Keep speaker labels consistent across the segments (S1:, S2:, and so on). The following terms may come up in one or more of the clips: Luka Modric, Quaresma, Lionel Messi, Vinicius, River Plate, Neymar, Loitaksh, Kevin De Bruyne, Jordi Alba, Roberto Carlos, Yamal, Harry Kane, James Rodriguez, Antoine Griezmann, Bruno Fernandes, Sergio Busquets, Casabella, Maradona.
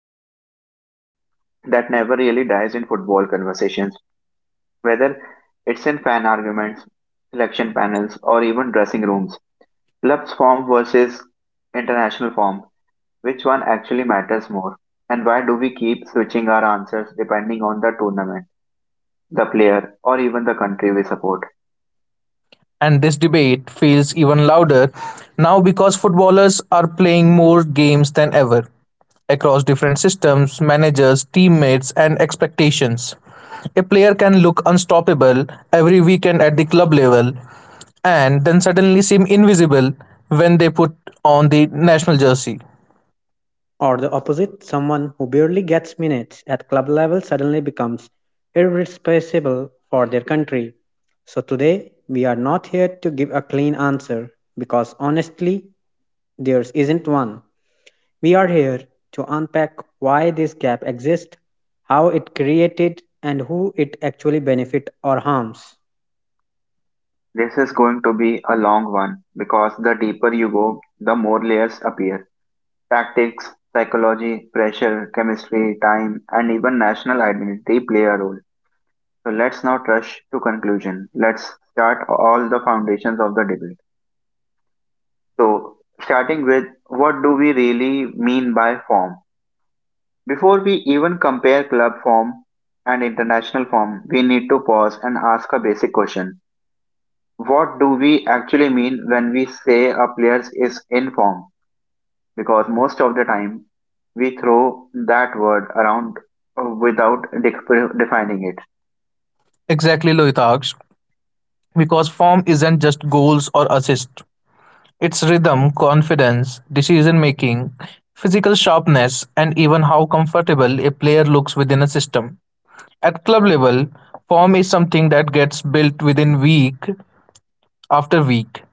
S1: into a debate that never really dies in football conversations, whether it's in fan arguments, selection panels, or even dressing rooms. Clubs form versus international form. Which one actually matters more? And why do we keep switching our answers depending on the tournament, the player, or even the country we support?
S2: And this debate feels even louder now because footballers are playing more games than ever across different systems, managers, teammates, and expectations. A player can look unstoppable every weekend at the club level and then suddenly seem invisible when they put on the national jersey.
S3: Or the opposite, someone who barely gets minutes at club level suddenly becomes irreplaceable for their country. So today, we are not here to give a clean answer because honestly, there isn't one. We are here to unpack why this gap exists, how it created, and who it actually benefits or harms.
S1: This is going to be a long one because the deeper you go, the more layers appear. Tactics, psychology, pressure, chemistry, time, and even national identity play a role. So let's not rush to conclusion. Let's start all the foundations of the debate. So starting with, what do we really mean by form? Before we even compare club form and international form, we need to pause and ask a basic question. What do we actually mean when we say a player is in form? Because most of the time we throw that word around without dec- defining it.
S2: Exactly, Loitaksh, because form isn't just goals or assists. Its rhythm, confidence, decision-making, physical sharpness, and even how comfortable a player looks within a system. At club level, form is something that gets built within week after week,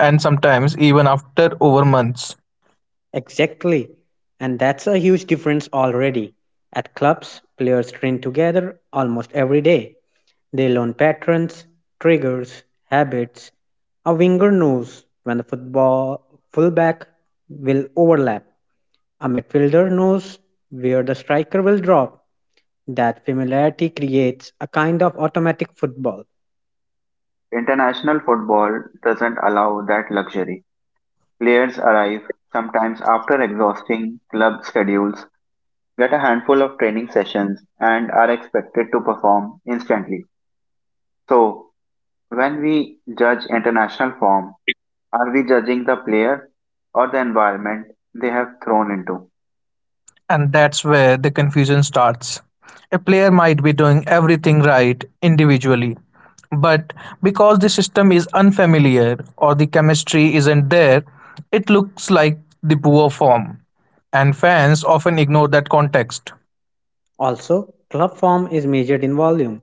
S2: and sometimes even after over months.
S3: Exactly. And that's a huge difference already. At clubs, players train together almost every day. They learn patterns, triggers, habits. A winger knows when the football fullback will overlap. A midfielder knows where the striker will drop. That familiarity creates a kind of automatic football.
S1: International football doesn't allow that luxury. Players arrive sometimes after exhausting club schedules, get a handful of training sessions, and are expected to perform instantly. So, when we judge international form, are we judging the player or the environment they have thrown into?
S2: And that's where the confusion starts. A player might be doing everything right individually, but because the system is unfamiliar or the chemistry isn't there, it looks like the poor form. And fans often ignore that context,
S3: Also, club form is measured in volume.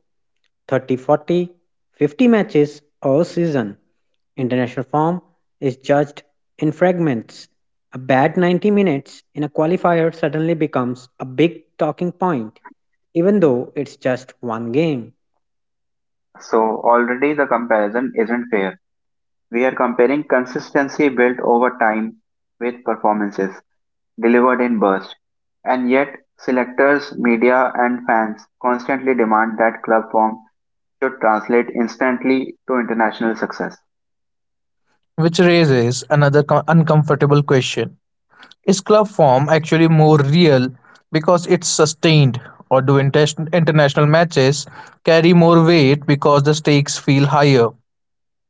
S3: 30, 40, 50 matches a season. International form is judged in fragments. A bad 90 minutes in a qualifier suddenly becomes a big talking point, even though it's just one game.
S1: So, already the comparison isn't fair. We are comparing consistency built over time with performances delivered in bursts. And yet, selectors, media, and fans constantly demand that club form should translate instantly to international success.
S2: which raises another uncomfortable question. Is club form actually more real because it's sustained, or do international matches carry more weight because the stakes feel higher?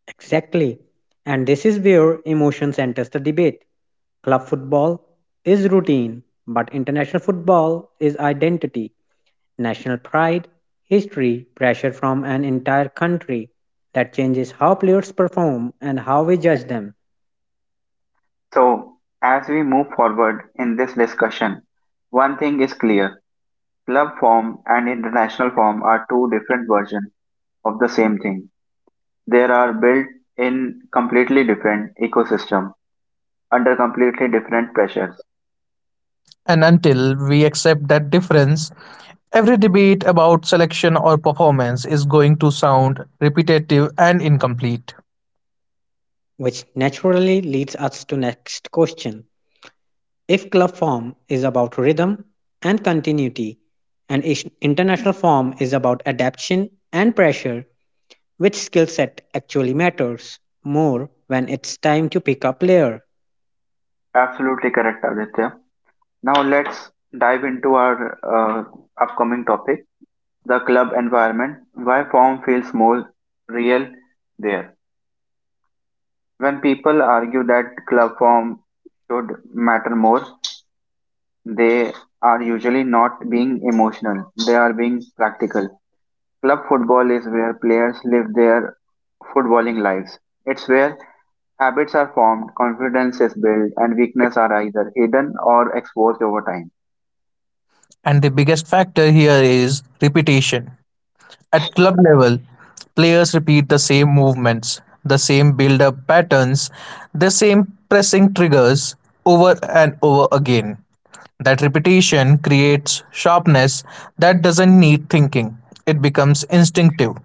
S3: Exactly. And this is where emotions enters the debate. Club football is routine, but international football is identity. National pride, history, pressure from an entire country that changes how players perform and how we judge them,
S1: So, as we move forward in this discussion, one thing is clear: club form and international form are two different versions of the same thing. They are built in completely different ecosystem under completely different pressures.
S2: And until we accept that difference, every debate about selection or performance is going to sound repetitive and incomplete.
S3: which naturally leads us to next question. If club form is about rhythm and continuity and international form is about adaptation and pressure, which skill set actually matters more when it's time to pick a player?
S1: Absolutely correct, Aditya. Now let's dive into our uh, upcoming topic: the club environment. Why form feels more real there. When people argue that club form should matter more, they are usually not being emotional, they are being practical. Club football is where players live their footballing lives. It's where habits are formed, confidence is built, and weaknesses are either hidden or exposed over time.
S2: And the biggest factor here is repetition. At club level, players repeat the same movements, the same build up patterns, the same pressing triggers over and over again. That repetition creates sharpness that doesn't need thinking, it becomes instinctive.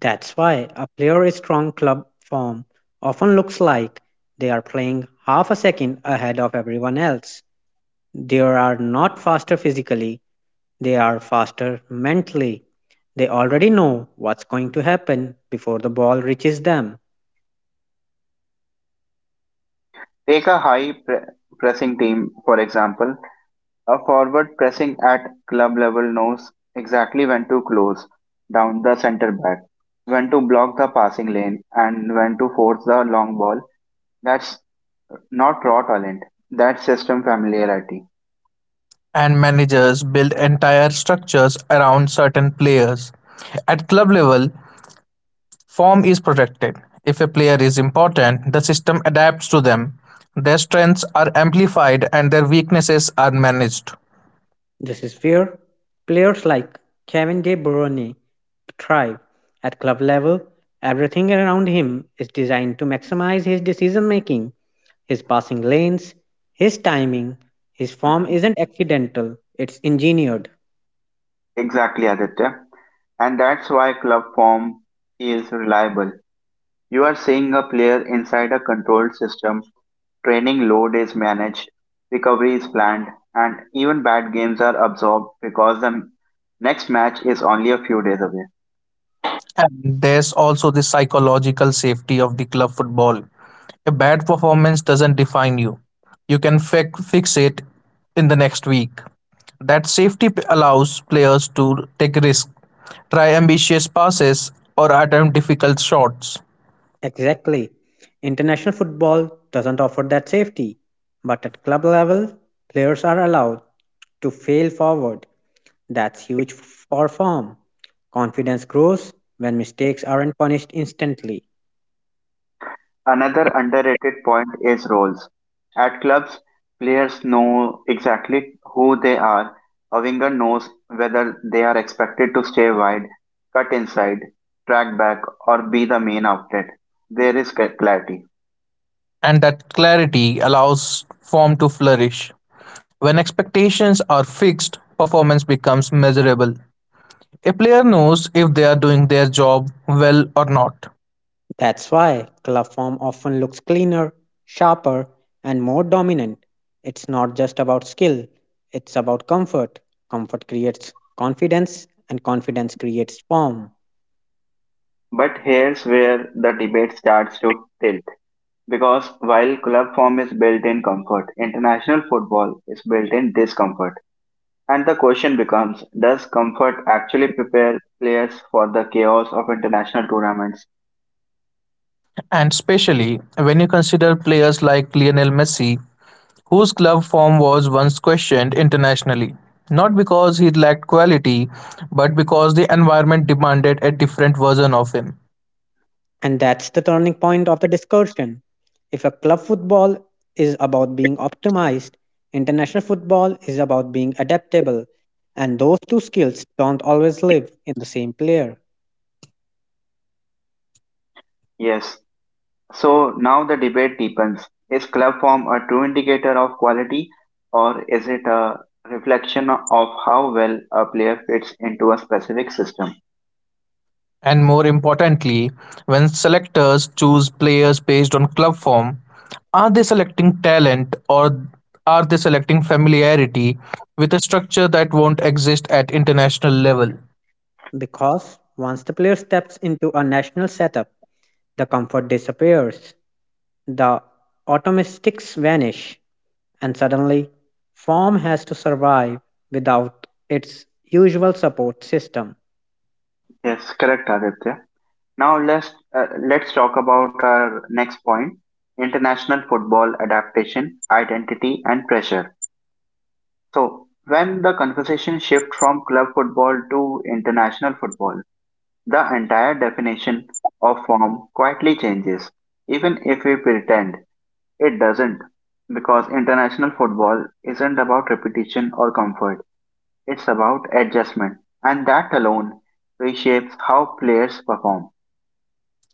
S3: That's why a player strong club form often looks like they are playing half a second ahead of everyone else. They are not faster physically, they are faster mentally. They already know what's going to happen before the ball reaches them.
S1: Take a pressing team, for example. A forward pressing at club level knows exactly when to close down the center back, when to block the passing lane, and when to force the long ball. That's not raw talent, that's system familiarity.
S2: And managers build entire structures around certain players. At club level, form is protected. If a player is important, the system adapts to them. Their strengths are amplified and their weaknesses are managed.
S3: This is where players like Kevin De Bruyne thrive. At club level, everything around him is designed to maximize his decision making. His passing lanes, his timing, his form isn't accidental, it's engineered.
S1: Exactly, Aditya. And that's why club form is reliable. You are seeing a player inside a controlled system. Training load is managed, recovery is planned, and even bad games are absorbed because the next match is only a few days away.
S2: And there's also the psychological safety of the club football. A bad performance doesn't define you. You can fix it in the next week. That safety allows players to take risks, try ambitious passes, or attempt difficult shots.
S3: Exactly. International football doesn't offer that safety, but at club level, players are allowed to fail forward. That's huge for form. Confidence grows when mistakes aren't punished instantly.
S1: Another underrated point is roles. At clubs, players know exactly who they are. A winger knows whether they are expected to stay wide, cut inside, track back, or be the main outlet. There is clarity.
S2: And that clarity allows form to flourish. When expectations are fixed, performance becomes measurable. A player knows if they are doing their job well or not,
S3: That's why coliform often looks cleaner, sharper, and more dominant. It's not just about skill, it's about comfort. Comfort creates confidence, and confidence creates form.
S1: But here's where the debate starts to tilt. Because while club form is built in comfort, international football is built in discomfort. And the question becomes, does comfort actually prepare players for the chaos of international tournaments?
S2: and especially when you consider players like Lionel Messi, whose club form was once questioned internationally, not because he lacked quality, but because the environment demanded a different version of him.
S3: And that's the turning point of the discussion. If a club football is about being optimized, international football is about being adaptable. And those two skills don't always live in the same player
S1: Yes. So now the debate deepens. Is club form a true indicator of quality, or is it a reflection of how well a player fits into a specific system?
S2: And more importantly, when selectors choose players based on club form, are they selecting talent or are they selecting familiarity with a structure that won't exist at international level?
S3: because once the player steps into a national setup, the comfort disappears, the automatics vanish, and suddenly form has to survive without its usual support system.
S1: Yes, correct, Aditya. Now let's talk about our next point: international football adaptation, identity, and pressure. So when the conversation shifts from club football to international football, the entire definition of form quietly changes, even if we pretend it doesn't, because international football isn't about repetition or comfort; it's about adjustment, and that alone reshapes how players perform.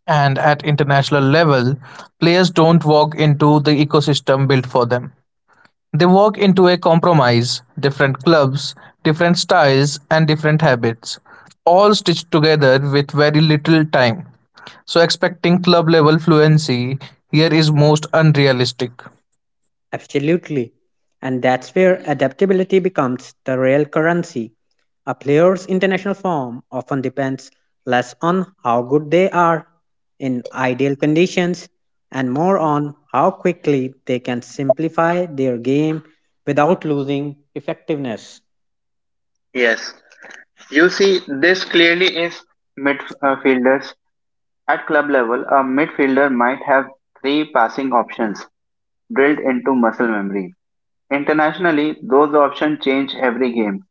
S2: And at international level, players don't walk into the ecosystem built for them. They work into a compromise, different clubs, different styles and different habits, all stitched together with very little time. So expecting club level fluency here is most unrealistic.
S3: Absolutely. And that's where adaptability becomes the real currency. A player's international form often depends less on how good they are in ideal conditions and more on how quickly they can simplify their game without losing effectiveness.
S1: Yes. You see, this clearly is midfielders. At club level, a midfielder might have three passing options drilled into muscle memory. Internationally, those options change every game,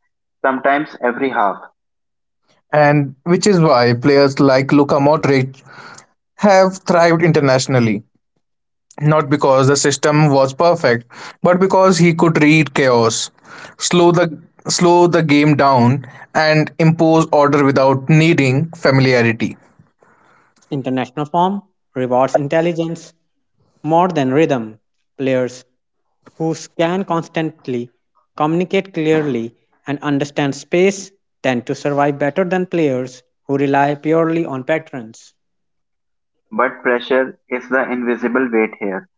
S1: sometimes every half.
S2: And which is why players like Luka Modric have thrived internationally. Not because the system was perfect, but because he could read chaos, slow the slow the game down and impose order without needing familiarity.
S3: International form rewards intelligence more than rhythm. Players who can constantly communicate clearly and understand space tend to survive better than players who rely purely on patterns.
S1: But pressure is the invisible weight here.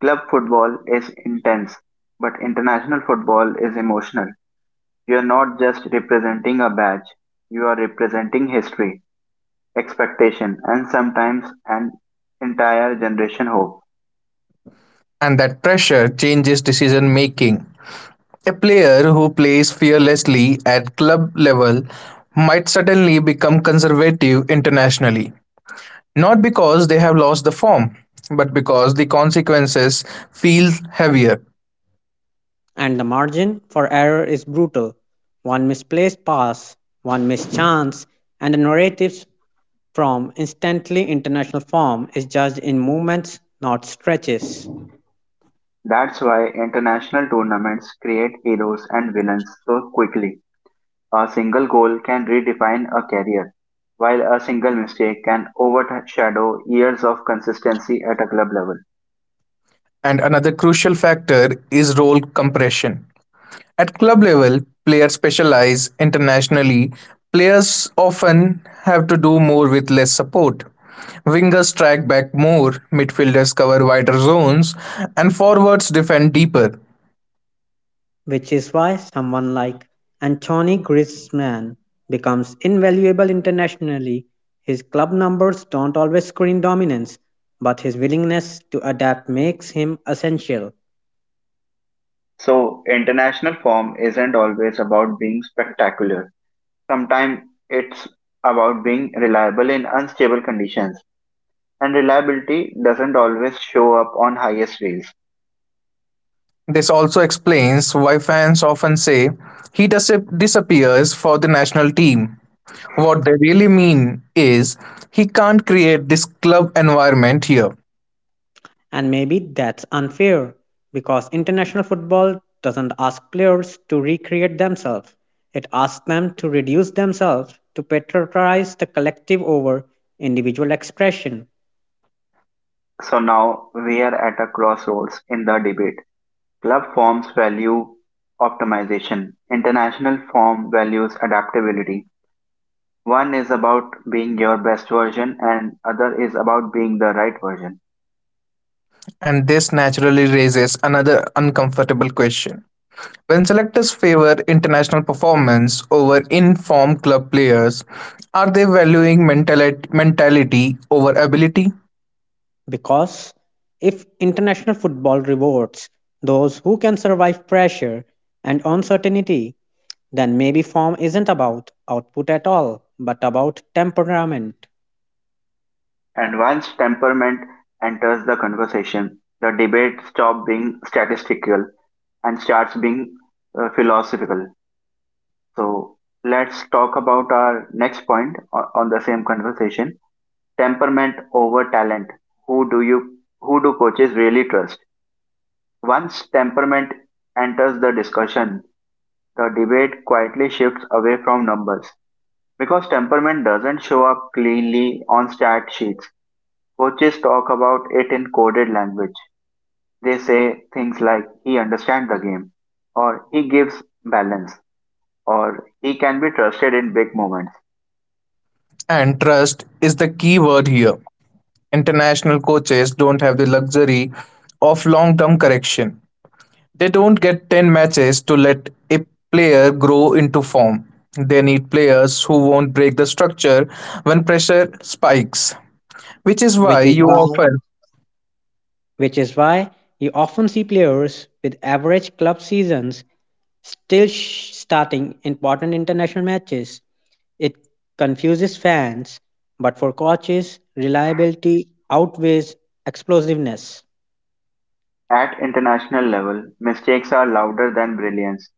S1: Club football is intense, but international football is emotional. You are not just representing a badge, you are representing history, expectation, and sometimes an entire generation hope.
S2: And that pressure changes decision making. A player who plays fearlessly at club level might suddenly become conservative internationally, not because they have lost the form, but because the consequences feel heavier.
S3: And the margin for error is brutal. One misplaced pass, one missed chance, and the narratives from instantly international form is judged in movements, not stretches.
S1: That's why international tournaments create heroes and villains so quickly. A single goal can redefine a career, while a single mistake can overshadow years of consistency at a club level.
S2: And another crucial factor is role compression. At club level, players specialize internationally, players often have to do more with less support. Wingers track back more, midfielders cover wider zones, and forwards defend deeper.
S3: Which is why someone like Antoine Griezmann becomes invaluable internationally. His club numbers don't always screen dominance, but his willingness to adapt makes him essential.
S1: So, international form isn't always about being spectacular. Sometimes it's about being reliable in unstable conditions, and reliability doesn't always show up on highest rails.
S2: This also explains why fans often say he disappears for the national team. What they really mean is he can't create this club environment here.
S3: And maybe that's unfair because international football doesn't ask players to recreate themselves. It asks them to reduce themselves to patronize the collective over individual expression.
S1: So, now we are at a crossroads in the debate. Club forms value optimization; international form values adaptability. One is about being your best version, and other is about being the right version.
S2: And this naturally raises another uncomfortable question. When selectors favour international performance over in-form club players, are they valuing mentality over ability?
S3: Because if international football rewards those who can survive pressure and uncertainty, then maybe form isn't about output at all, but about temperament.
S1: And once temperament enters the conversation, the debate stops being statistical and starts being philosophical. So let's talk about our next point on the same conversation: temperament over talent. Who do you who do coaches really trust? Once temperament enters the discussion, the debate quietly shifts away from numbers. Because temperament doesn't show up cleanly on stat sheets, coaches talk about it in coded language. They say things like, he understands the game, or he gives balance, or he can be trusted in big moments.
S2: And trust is the key word here. International coaches don't have the luxury of long-term correction. They don't get 10 matches to let a player grow into form. They need players who won't break the structure when pressure spikes, which is why
S3: which is
S2: you
S3: why
S2: often,
S3: Which is why you often see players with average club seasons still starting important international matches. It confuses fans, but for coaches, reliability outweighs explosiveness.
S1: At international level, mistakes are louder than brilliance.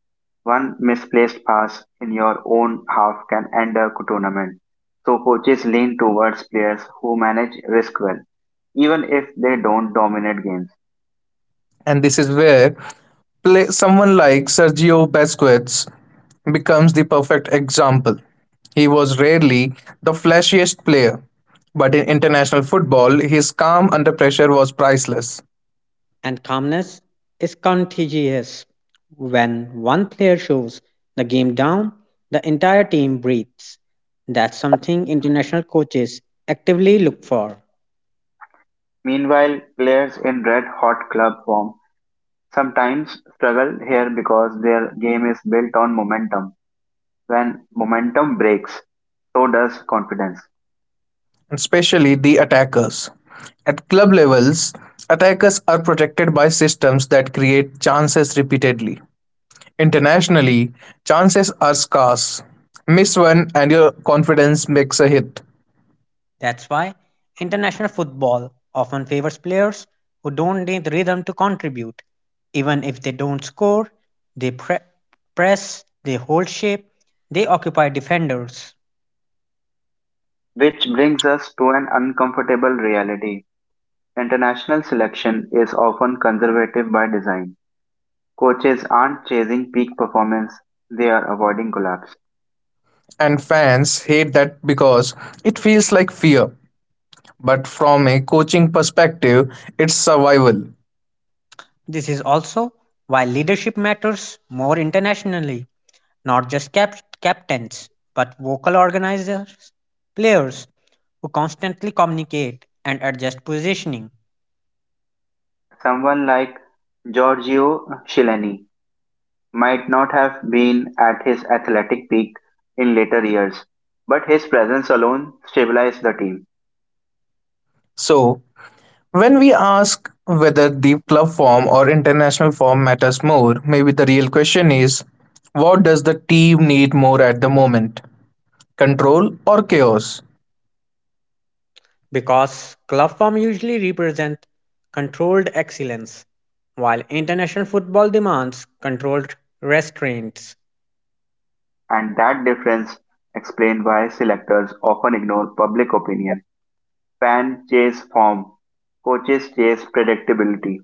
S1: One misplaced pass in your own half can end a tournament. So coaches lean towards players who manage risk well, even if they don't dominate games.
S2: and this is where someone like Sergio Busquets becomes the perfect example. He was rarely the flashiest player, but in international football, his calm under pressure was priceless,
S3: And calmness is contagious. When one player shows the game down, the entire team breathes. That's something international coaches actively look for.
S1: Meanwhile, players in red hot club form sometimes struggle here because their game is built on momentum. When momentum breaks, so does confidence.
S2: especially the attackers. At club levels, attackers are protected by systems that create chances repeatedly. Internationally, chances are scarce. Miss one and your confidence makes a hit.
S3: That's why international football often favors players who don't need rhythm to contribute. Even if they don't score, they pre- press, they hold shape, they occupy defenders.
S1: Which brings us to an uncomfortable reality. International selection is often conservative by design. Coaches aren't chasing peak performance, they are avoiding collapse.
S2: And fans hate that because it feels like fear. But from a coaching perspective, it's survival.
S3: This is also why leadership matters more internationally. Not just captains, but vocal organizers, players who constantly communicate and adjust positioning.
S1: Someone like Giorgio Chiellini might not have been at his athletic peak in later years, but his presence alone stabilized the team,
S2: So, when we ask whether the club form or international form matters more, maybe the real question is what does the team need more at the moment? Control or chaos?
S3: Because club form usually represents controlled excellence, while international football demands controlled restraints.
S1: and that difference explained why selectors often ignore public opinion. Fans chase form, coaches chase predictability.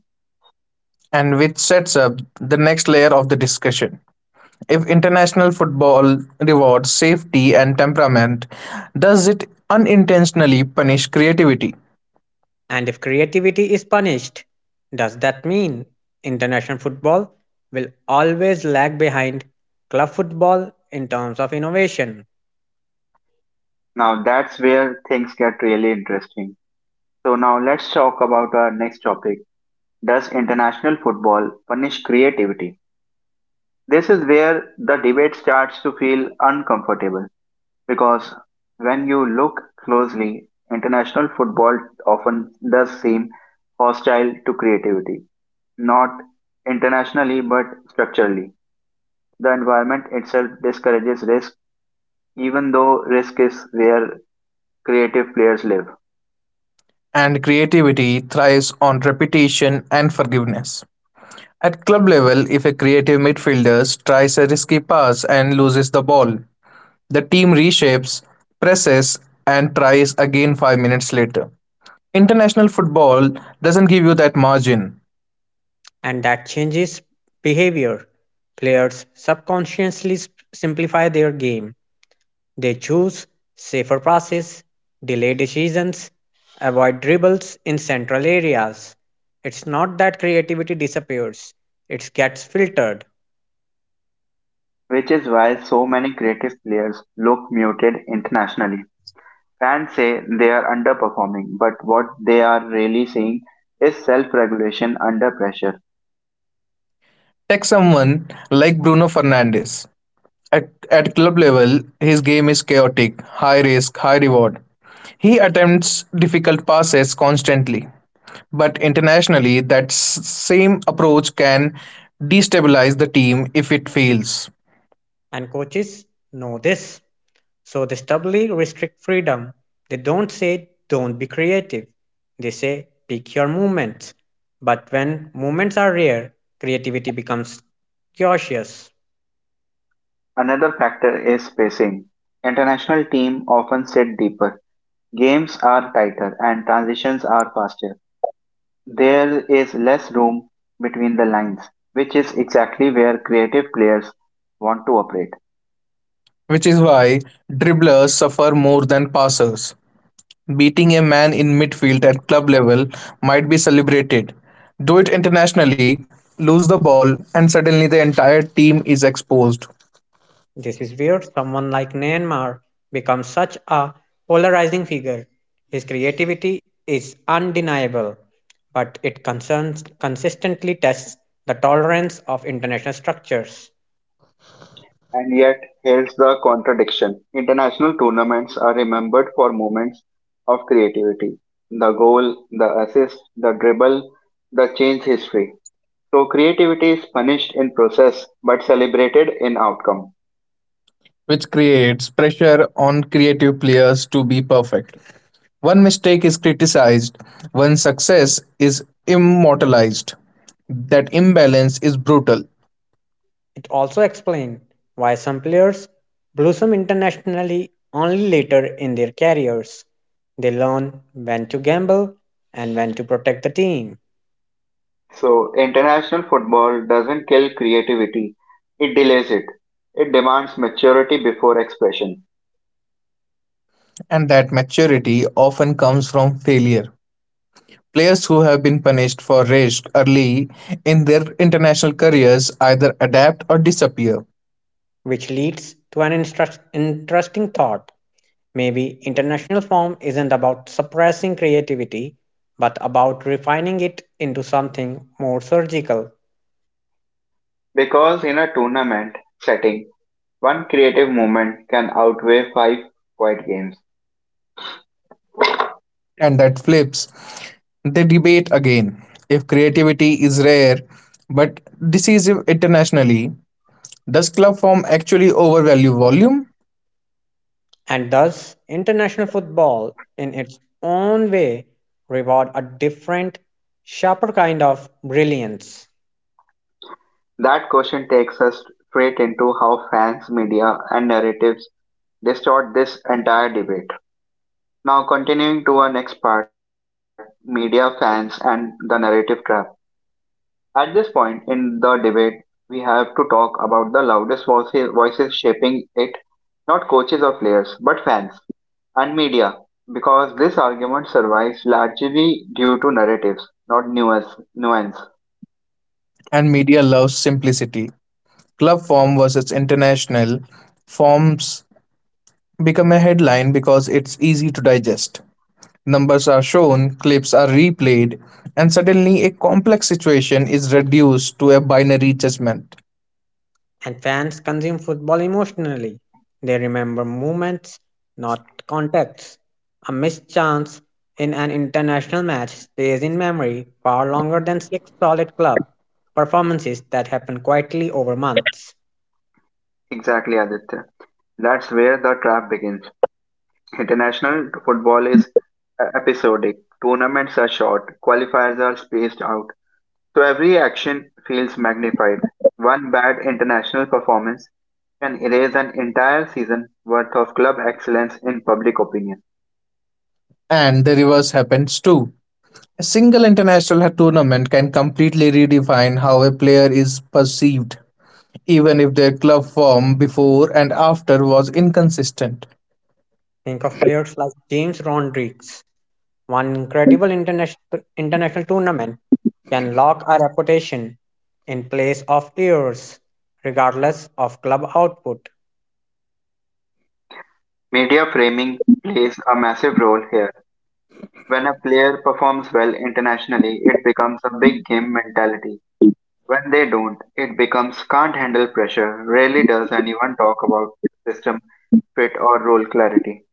S2: And which sets up the next layer of the discussion. If international football rewards safety and temperament, does it unintentionally punish creativity?
S3: And if creativity is punished, does that mean international football will always lag behind club football in terms of innovation?
S1: Now that's where things get really interesting. So now let's talk about our next topic. Does international football punish creativity? This is where the debate starts to feel uncomfortable because when you look closely, international football often does seem hostile to creativity, not internationally but structurally. The environment itself discourages risk, even though risk is where creative players live.
S2: And creativity thrives on repetition and forgiveness. At club level, if a creative midfielder tries a risky pass and loses the ball, the team reshapes, presses, and tries again 5 minutes later. International football doesn't give you that margin.
S3: And that changes behavior. Players subconsciously simplify their game. They choose safer passes, delay decisions, avoid dribbles in central areas. It's not that creativity disappears, it gets filtered,
S1: Which is why so many creative players look muted internationally. Fans say they are underperforming, but what they are really seeing is self regulation under pressure.
S2: Take someone like Bruno Fernandes. At club level, his game is chaotic, high risk, high reward. He attempts difficult passes constantly, but internationally, that same approach can destabilize the team if it fails.
S3: and coaches know this. So they stubbornly restrict freedom. They don't say, don't be creative. They say, pick your movements. But when movements are rare, creativity becomes cautious.
S1: Another factor is spacing. International teams often sit deeper, games are tighter, and transitions are faster. There is less room between the lines, which is exactly where creative players want to operate.
S2: Which is why dribblers suffer more than passers. Beating a man in midfield at club level might be celebrated. Do it internationally, lose the ball, and suddenly the entire team is exposed,
S3: This is where someone like Neymar becomes such a polarizing figure. His creativity is undeniable, but it concerns, consistently tests the tolerance of international structures.
S1: And yet, here's the contradiction. International tournaments are remembered for moments of creativity. The goal, the assist, the dribble, the change history. So creativity is punished in process but celebrated in outcome.
S2: which creates pressure on creative players to be perfect. One mistake is criticized, one success is immortalized. That imbalance is brutal,
S3: It also explained why some players blossom internationally only later in their careers. They learn when to gamble and when to protect the team,
S1: So international football doesn't kill creativity, it delays it. It demands maturity before expression.
S2: and that maturity often comes from failure. Players who have been punished for risk early in their international careers either adapt or disappear,
S3: which leads to an interesting thought. Maybe international form isn't about suppressing creativity, but about refining it into something more surgical.
S1: Because in a tournament setting, one creative moment can outweigh five quiet games.
S2: and that flips the debate again. If creativity is rare but decisive internationally, does club form actually overvalue volume?
S3: And thus, international football, in its own way, reward a different, sharper kind of brilliance.
S1: That question takes us straight into how fans, media, and narratives distort this entire debate. Now, continuing to our next part: media, fans, and the narrative trap. At this point in the debate, we have to talk about the loudest voices shaping it, not coaches or players, but fans and media, because this argument survives largely due to narratives, not nuance.
S2: And media loves simplicity. Club form versus international forms become a headline because it's easy to digest. Numbers are shown, clips are replayed, and suddenly a complex situation is reduced to a binary judgment.
S3: And fans consume football emotionally. They remember moments, not contexts. A missed chance in an international match stays in memory far longer than six solid club performances that happen quietly over months.
S1: Exactly, Aditya. That's where the trap begins. International football is episodic. Tournaments are short. Qualifiers are spaced out. So every action feels magnified. One bad international performance can erase an entire season worth of club excellence in public opinion.
S2: And the reverse happens too. A single international tournament can completely redefine how a player is perceived, even if their club form before and after was inconsistent.
S3: Think of players like James Rodriguez. One incredible international tournament can lock a reputation in place of years, regardless of club output.
S1: Media framing plays a massive role here. When a player performs well internationally, it becomes a big game mentality. When they don't, it becomes can't handle pressure. Rarely does anyone talk about system fit or role clarity.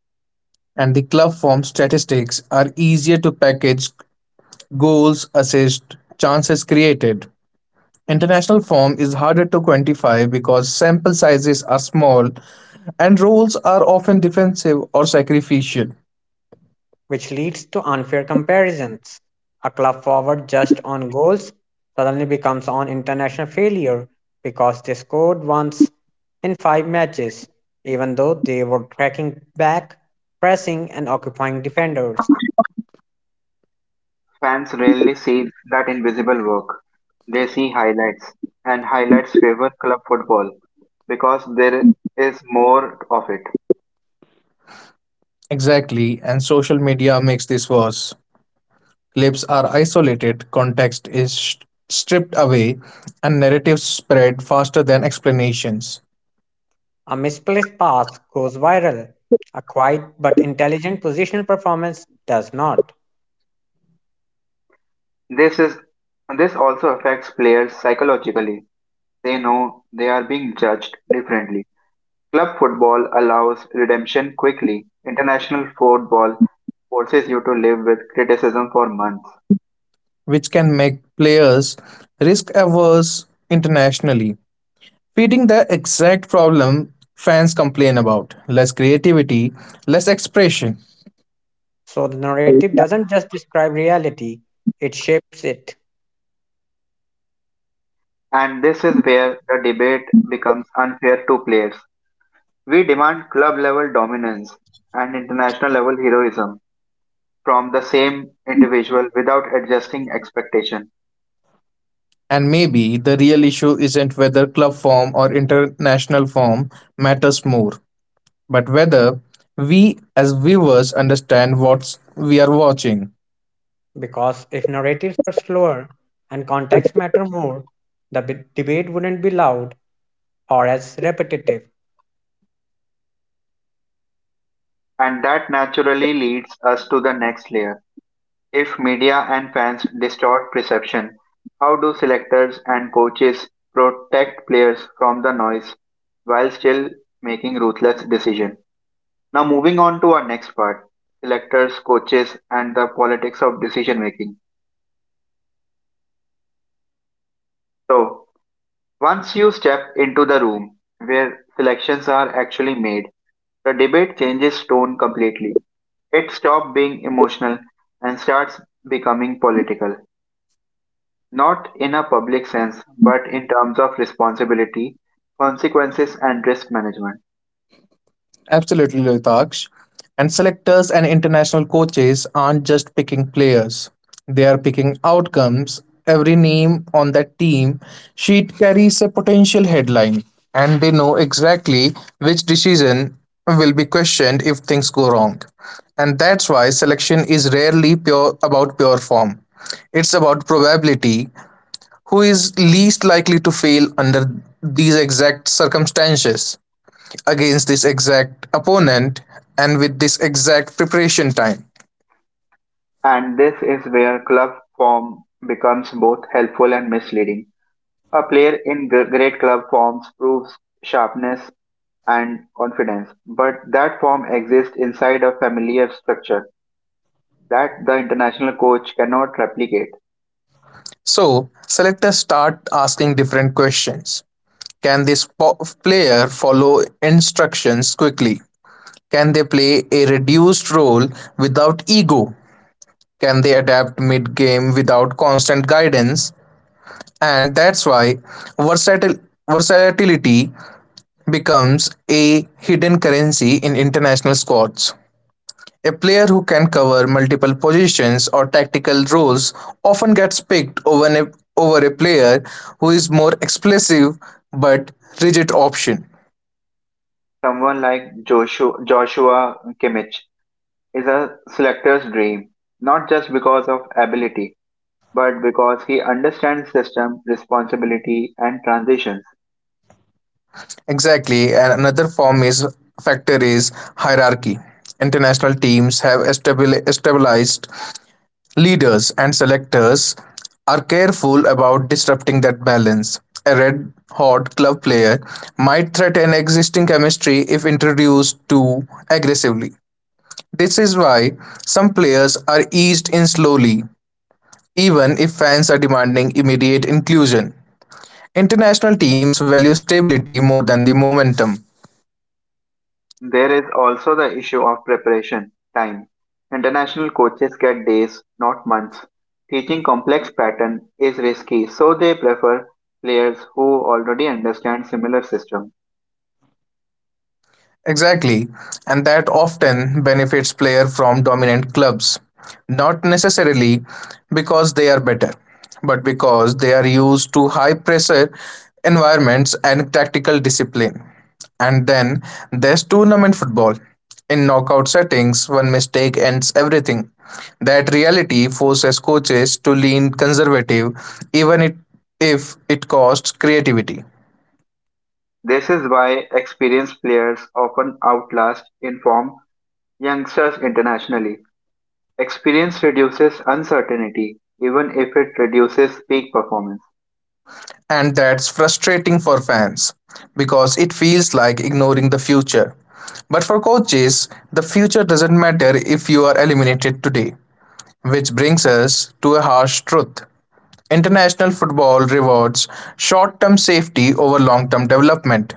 S2: And the club form statistics are easier to package goals, assists, chances created. International form is harder to quantify because sample sizes are small and roles are often defensive or sacrificial.
S3: Which leads to unfair comparisons. A club forward judged on goals suddenly becomes an international failure because they scored once in five matches, even though they were tracking back, pressing, and occupying defenders.
S1: Fans rarely see that invisible work. They see highlights, and highlights favor club football because there is more of it.
S2: Exactly, and social media makes this worse. Clips are isolated, context is stripped away, and narratives spread faster than explanations,
S3: A misplaced pass goes viral. A quiet but intelligent positional performance does not.
S1: This is this also affects players psychologically. They know they are being judged differently. Club football allows redemption quickly. International football forces you to live with criticism for months.
S2: which can make players risk averse internationally, feeding the exact problem fans complain about less creativity, less expression.
S3: So the narrative doesn't just describe reality, it shapes it.
S1: And this is where the debate becomes unfair to players. We demand club level dominance and international level heroism from the same individual without adjusting expectation.
S2: And maybe the real issue isn't whether club form or international form matters more, but whether we as viewers understand what we are watching.
S3: Because if narratives were slower and context matter more, the debate wouldn't be loud or as repetitive.
S1: And that naturally leads us to the next layer. If media and fans distort perception, how do selectors and coaches protect players from the noise while still making ruthless decisions? Now moving on to our next part, selectors, coaches and the politics of decision making. So once you step into the room where selections are actually made, the debate changes tone completely. It stops being emotional and starts becoming political, not in a public sense, but in terms of responsibility, consequences, and risk management.
S2: Absolutely, Loitaksh. And selectors and international coaches aren't just picking players, they are picking outcomes. Every name on that team sheet carries a potential headline, and they know exactly which decision will be questioned if things go wrong. And that's why selection is rarely pure about pure form. It's about probability, who is least likely to fail under these exact circumstances against this exact opponent and with this exact preparation time.
S1: And this is where club form becomes both helpful and misleading. A player in great club forms proves sharpness and confidence, but that form exists inside a familiar structure that the international coach cannot replicate.
S2: So selectors start asking different questions. Can this player follow instructions quickly? Can they play a reduced role without ego? Can they adapt mid game without constant guidance? And that's why versatil- versatility becomes a hidden currency in international squads. A player who can cover multiple positions or tactical roles often gets picked over a player who is more explosive but rigid option.
S1: Someone like Joshua Kimmich is a selector's dream, not just because of ability, but because he understands system, responsibility, and transitions.
S2: Exactly, and another form is factor is hierarchy. International teams have establi stabilized leaders and selectors are careful about disrupting that balance. A red hot club player might threaten existing chemistry if introduced too aggressively. This is why some players are eased in slowly, even if fans are demanding immediate inclusion. International teams value stability more than the momentum.
S1: There is also the issue of preparation time. International coaches get days, not months. Teaching complex pattern is risky, so they prefer players who already understand similar system.
S2: Exactly, and that often benefits player from dominant clubs, not necessarily because they are better, but because they are used to high pressure environments and tactical discipline. And then there's tournament football. In knockout settings, one mistake ends everything. That reality forces coaches to lean conservative, even it, if it costs creativity.
S1: This is why experienced players often outlast informed youngsters internationally. Experience reduces uncertainty, even if it reduces peak performance.
S2: And that's frustrating for fans because it feels like ignoring the future. But for coaches, the future doesn't matter if you are eliminated today. Which brings us to a harsh truth: international football rewards short term safety over long term development.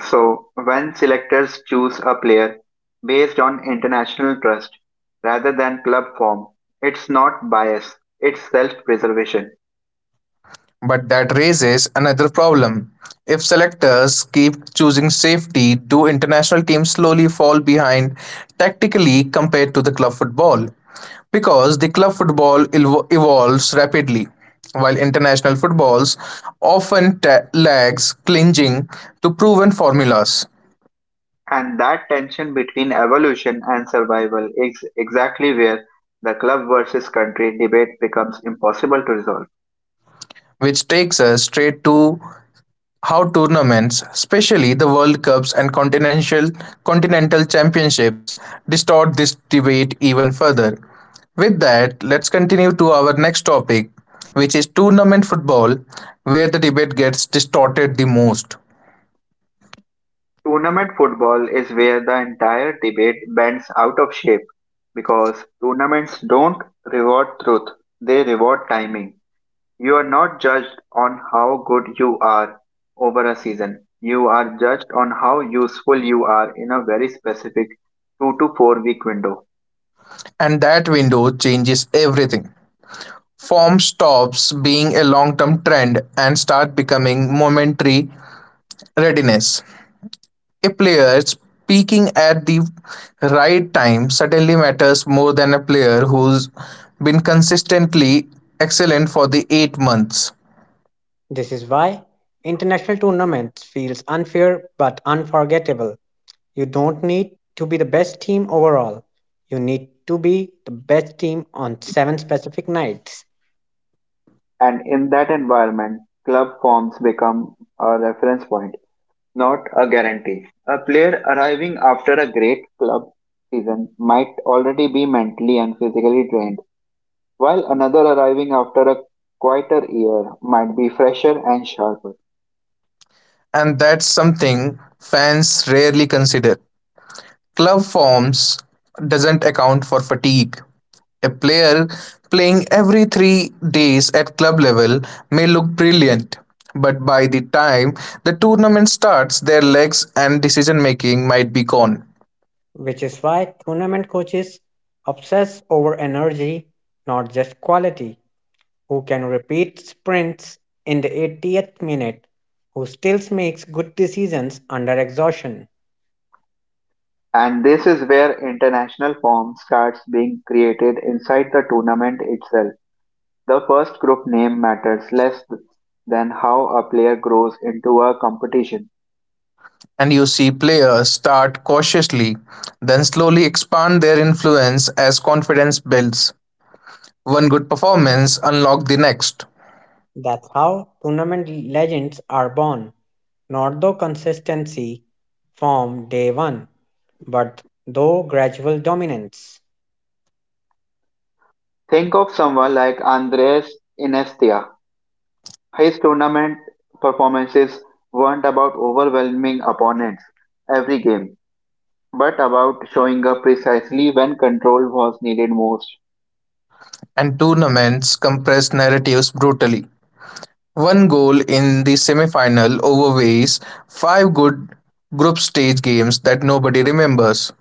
S1: So, when selectors choose a player based on international trust rather than club form, it's not bias, it's self preservation.
S2: But that raises another problem. If selectors keep choosing safety, do international teams slowly fall behind tactically compared to the club football? Because the club football evolves rapidly, while international footballs often lags clinging to proven formulas,
S1: And that tension between evolution and survival is exactly where the club versus country debate becomes impossible to resolve.
S2: which takes us straight to how tournaments, especially the World Cups and continental Championships, distort this debate even further. With that, let's continue to our next topic, which is tournament football, where the debate gets distorted the most.
S1: Tournament football is where the entire debate bends out of shape because tournaments don't reward truth, they reward timing. You are not judged on how good you are over a season. You are judged on how useful you are in a very specific 2 to 4 week window.
S2: And that window changes everything. Form stops being a long term trend and start becoming momentary readiness. A player peaking at the right time certainly matters more than a player who's been consistently excellent for the 8 months.
S3: This is why international tournaments feels unfair but unforgettable. You don't need to be the best team overall. You need to be the best team on seven specific nights,
S1: And in that environment, club forms become a reference point, not a guarantee. A player arriving after a great club season might already be mentally and physically drained, while another arriving after a quieter year might be fresher and sharper.
S2: And that's something fans rarely consider. Club forms doesn't account for fatigue. A player playing every 3 days at club level may look brilliant, but by the time the tournament starts, their legs and decision making might be gone.
S3: which is why tournament coaches obsess over energy, not just quality. Who can repeat sprints in the 80th minute, who still makes good decisions under exhaustion.
S1: And this is where international form starts being created inside the tournament itself. The first group name matters less than how a player grows into a competition.
S2: And you see players start cautiously, then slowly expand their influence as confidence builds. One good performance unlocked the next,
S3: That's how tournament legends are born, not through consistency from day one, but through gradual dominance,
S1: Think of someone like Andres Iniesta. His tournament performances weren't about overwhelming opponents every game, but about showing up precisely when control was needed most.
S2: and tournaments compress narratives brutally. One goal in the semi-final overweighs five good group stage games that nobody remembers,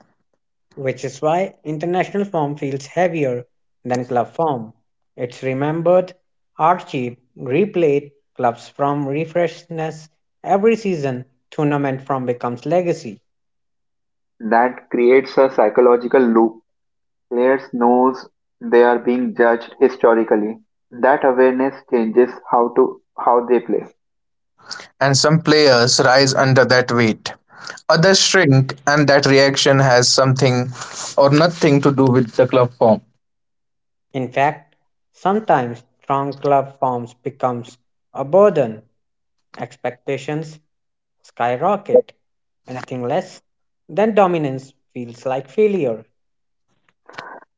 S3: which is why international form feels heavier than club form. It's remembered, archived, replayed, clubs from refreshness every season, tournament form becomes legacy.
S1: That creates a psychological loop. Players knows they are being judged historically. That awareness changes how they play.
S2: and some players rise under that weight. Others shrink, and that reaction has something or nothing to do with the club form.
S3: In fact, sometimes strong club forms becomes a burden. Expectations skyrocket. Anything less than dominance feels like failure.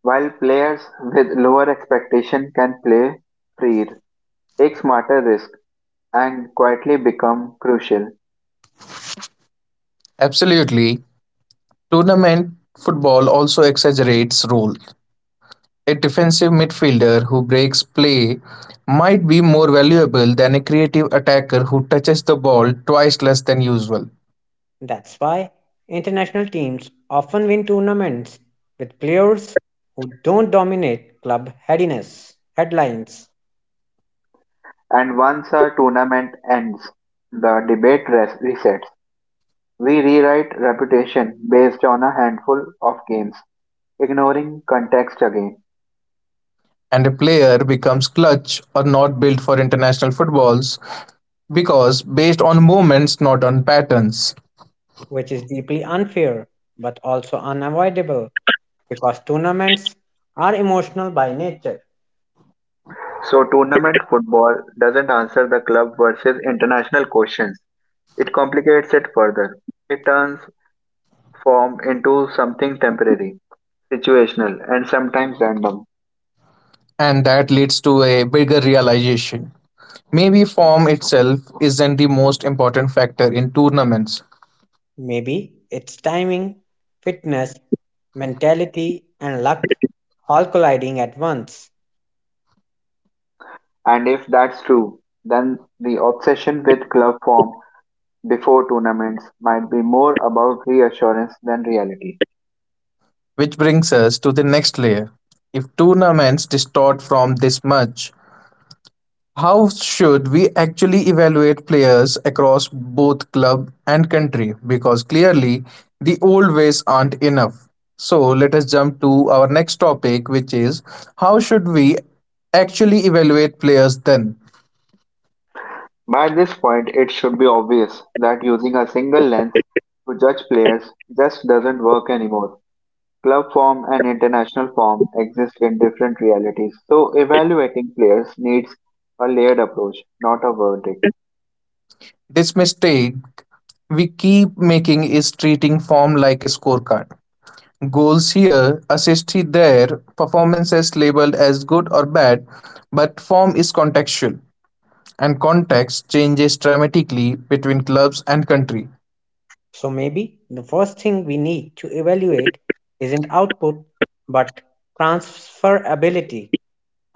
S1: While players with lower expectation can play freer, take smarter risk, and quietly become crucial.
S2: Absolutely. Tournament football also exaggerates roles; a defensive midfielder who breaks play might be more valuable than a creative attacker who touches the ball twice less than usual,
S3: That's why international teams often win tournaments with players who don't dominate club headiness headlines,
S1: And once our tournament ends, the resets. We rewrite reputation based on a handful of games, ignoring context again.
S2: and a player becomes clutch or not built for international footballs because based on moments not on patterns,
S3: which is deeply unfair but also unavoidable because tournaments are emotional by nature.
S1: So tournament football doesn't answer the club versus international questions. It complicates it further. It turns form into something temporary, situational, and sometimes random.
S2: and that leads to a bigger realization: maybe form itself isn't the most important factor in tournaments.
S3: Maybe it's timing, fitness, mentality, and luck all colliding at once.
S1: And if that's true, then the obsession with club form before tournaments might be more about reassurance than reality.
S2: Which brings us to the next layer. If tournaments distort from this much, how should we actually evaluate players across both club and country? Because clearly the old ways aren't enough. So let us jump to our next topic, which is: how should we actually evaluate players then?
S1: By this point, it should be obvious that using a single lens to judge players just doesn't work anymore. Club form and international form exist in different realities, so evaluating players needs a layered approach, not a verdict.
S2: This mistake we keep making is treating form like a scorecard. Goals here, assists there, performances labeled as good or bad, but form is contextual, and context changes dramatically between clubs and country,
S3: So maybe the first thing we need to evaluate isn't output but transferability.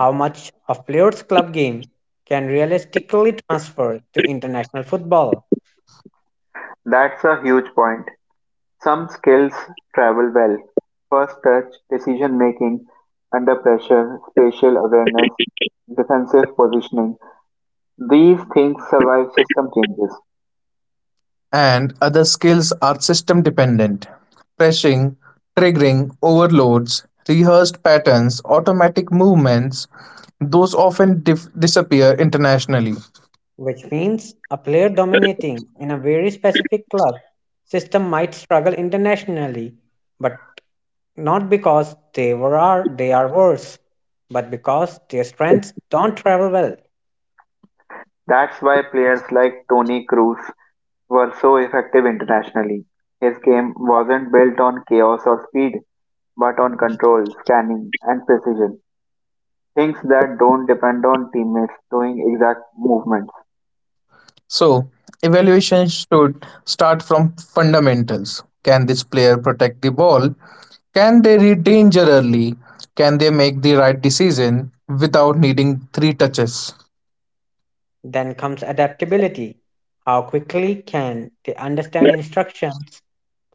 S3: How much of players' club game can realistically transfer to international football?
S1: That's a huge point. Some skills travel well. First touch, decision making, under pressure, spatial awareness, defensive positioning. These things survive system changes.
S2: and other skills are system dependent. Pressing, triggering, overloads, rehearsed patterns, automatic movements, those often disappear internationally.
S3: Which means a player dominating in a very specific club system might struggle internationally, but not because they are worse, but because their strengths don't travel well.
S1: That's why players like Tony Cruz were so effective internationally. His game wasn't built on chaos or speed, but on control, scanning, and precision. Things that don't depend on teammates doing exact movements.
S2: So, evaluation should start from fundamentals. Can this player protect the ball? Can they read danger early? Can they make the right decision without needing three touches?
S3: Then comes adaptability. How quickly can they understand instructions?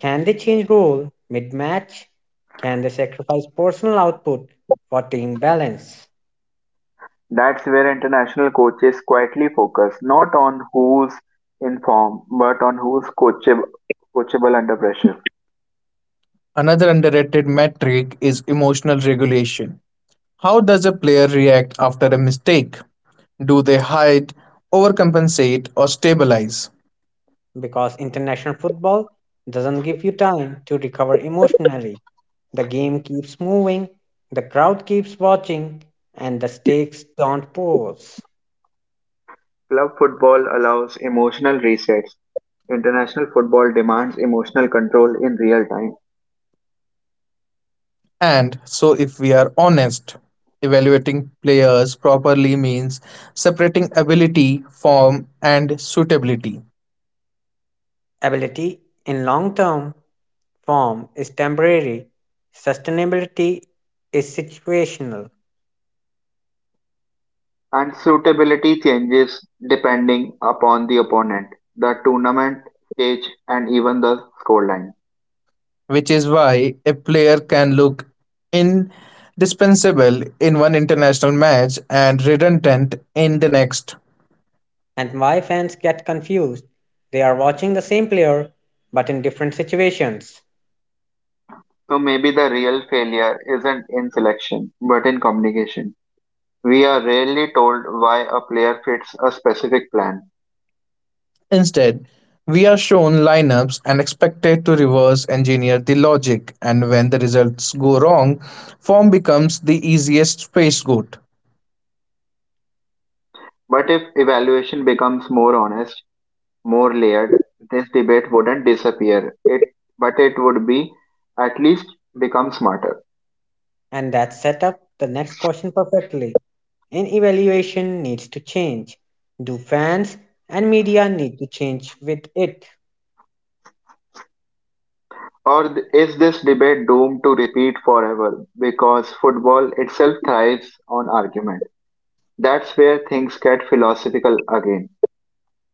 S3: Can they change role mid-match? Can they sacrifice personal output for team balance?
S1: That's where international coaches quietly focus, not on who's in form, but on who's coachable under pressure.
S2: Another underrated metric is emotional regulation. How does a player react after a mistake? Do they hide, overcompensate, or stabilize?
S3: Because international football doesn't give you time to recover emotionally. The game keeps moving, the crowd keeps watching, and the stakes don't pause.
S1: Club football allows emotional resets. International football demands emotional control in real time.
S2: And so, if we are honest, evaluating players properly means separating ability, form, and suitability,
S3: Ability in long term form is temporary, sustainability is situational.
S1: And suitability changes depending upon the opponent, the tournament stage, and even the scoreline.
S2: which is why a player can look indispensable in one international match and redundant in the next.
S3: And why fans get confused? They are watching the same player but in different situations.
S1: So maybe the real failure isn't in selection, but in communication. We are rarely told why a player fits a specific plan.
S2: Instead, we are shown lineups and expected to reverse engineer the logic, and when the results go wrong, form becomes the easiest scapegoat.
S1: But if evaluation becomes more honest, more layered, this debate wouldn't disappear. But it would be at least become smarter.
S3: And that set up the next question perfectly. And evaluation needs to change. Do fans and media need to change with it?
S1: Is this debate doomed to repeat forever because football itself thrives on argument? That's where things get philosophical again.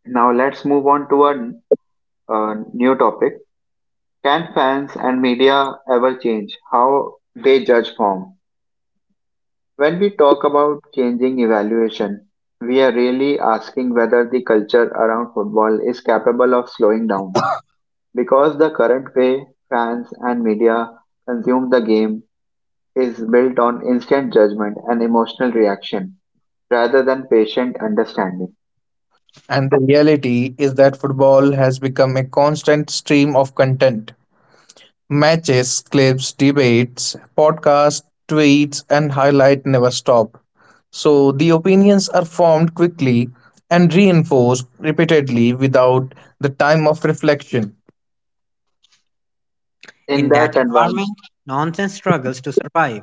S1: Now let's move on to a new topic. Can fans and media ever change how they judge form? When we talk about changing evaluation, we are really asking whether the culture around football is capable of slowing down because the current way fans and media consume the game is built on instant judgment and emotional reaction rather than patient understanding.
S2: And the reality is that football has become a constant stream of content. Matches, clips, debates, podcasts, tweets, and highlight never stop. So the opinions are formed quickly and reinforced repeatedly without the time of reflection.
S1: In
S3: In
S1: that
S3: that
S1: environment,
S3: environment, nonsense struggles to survive.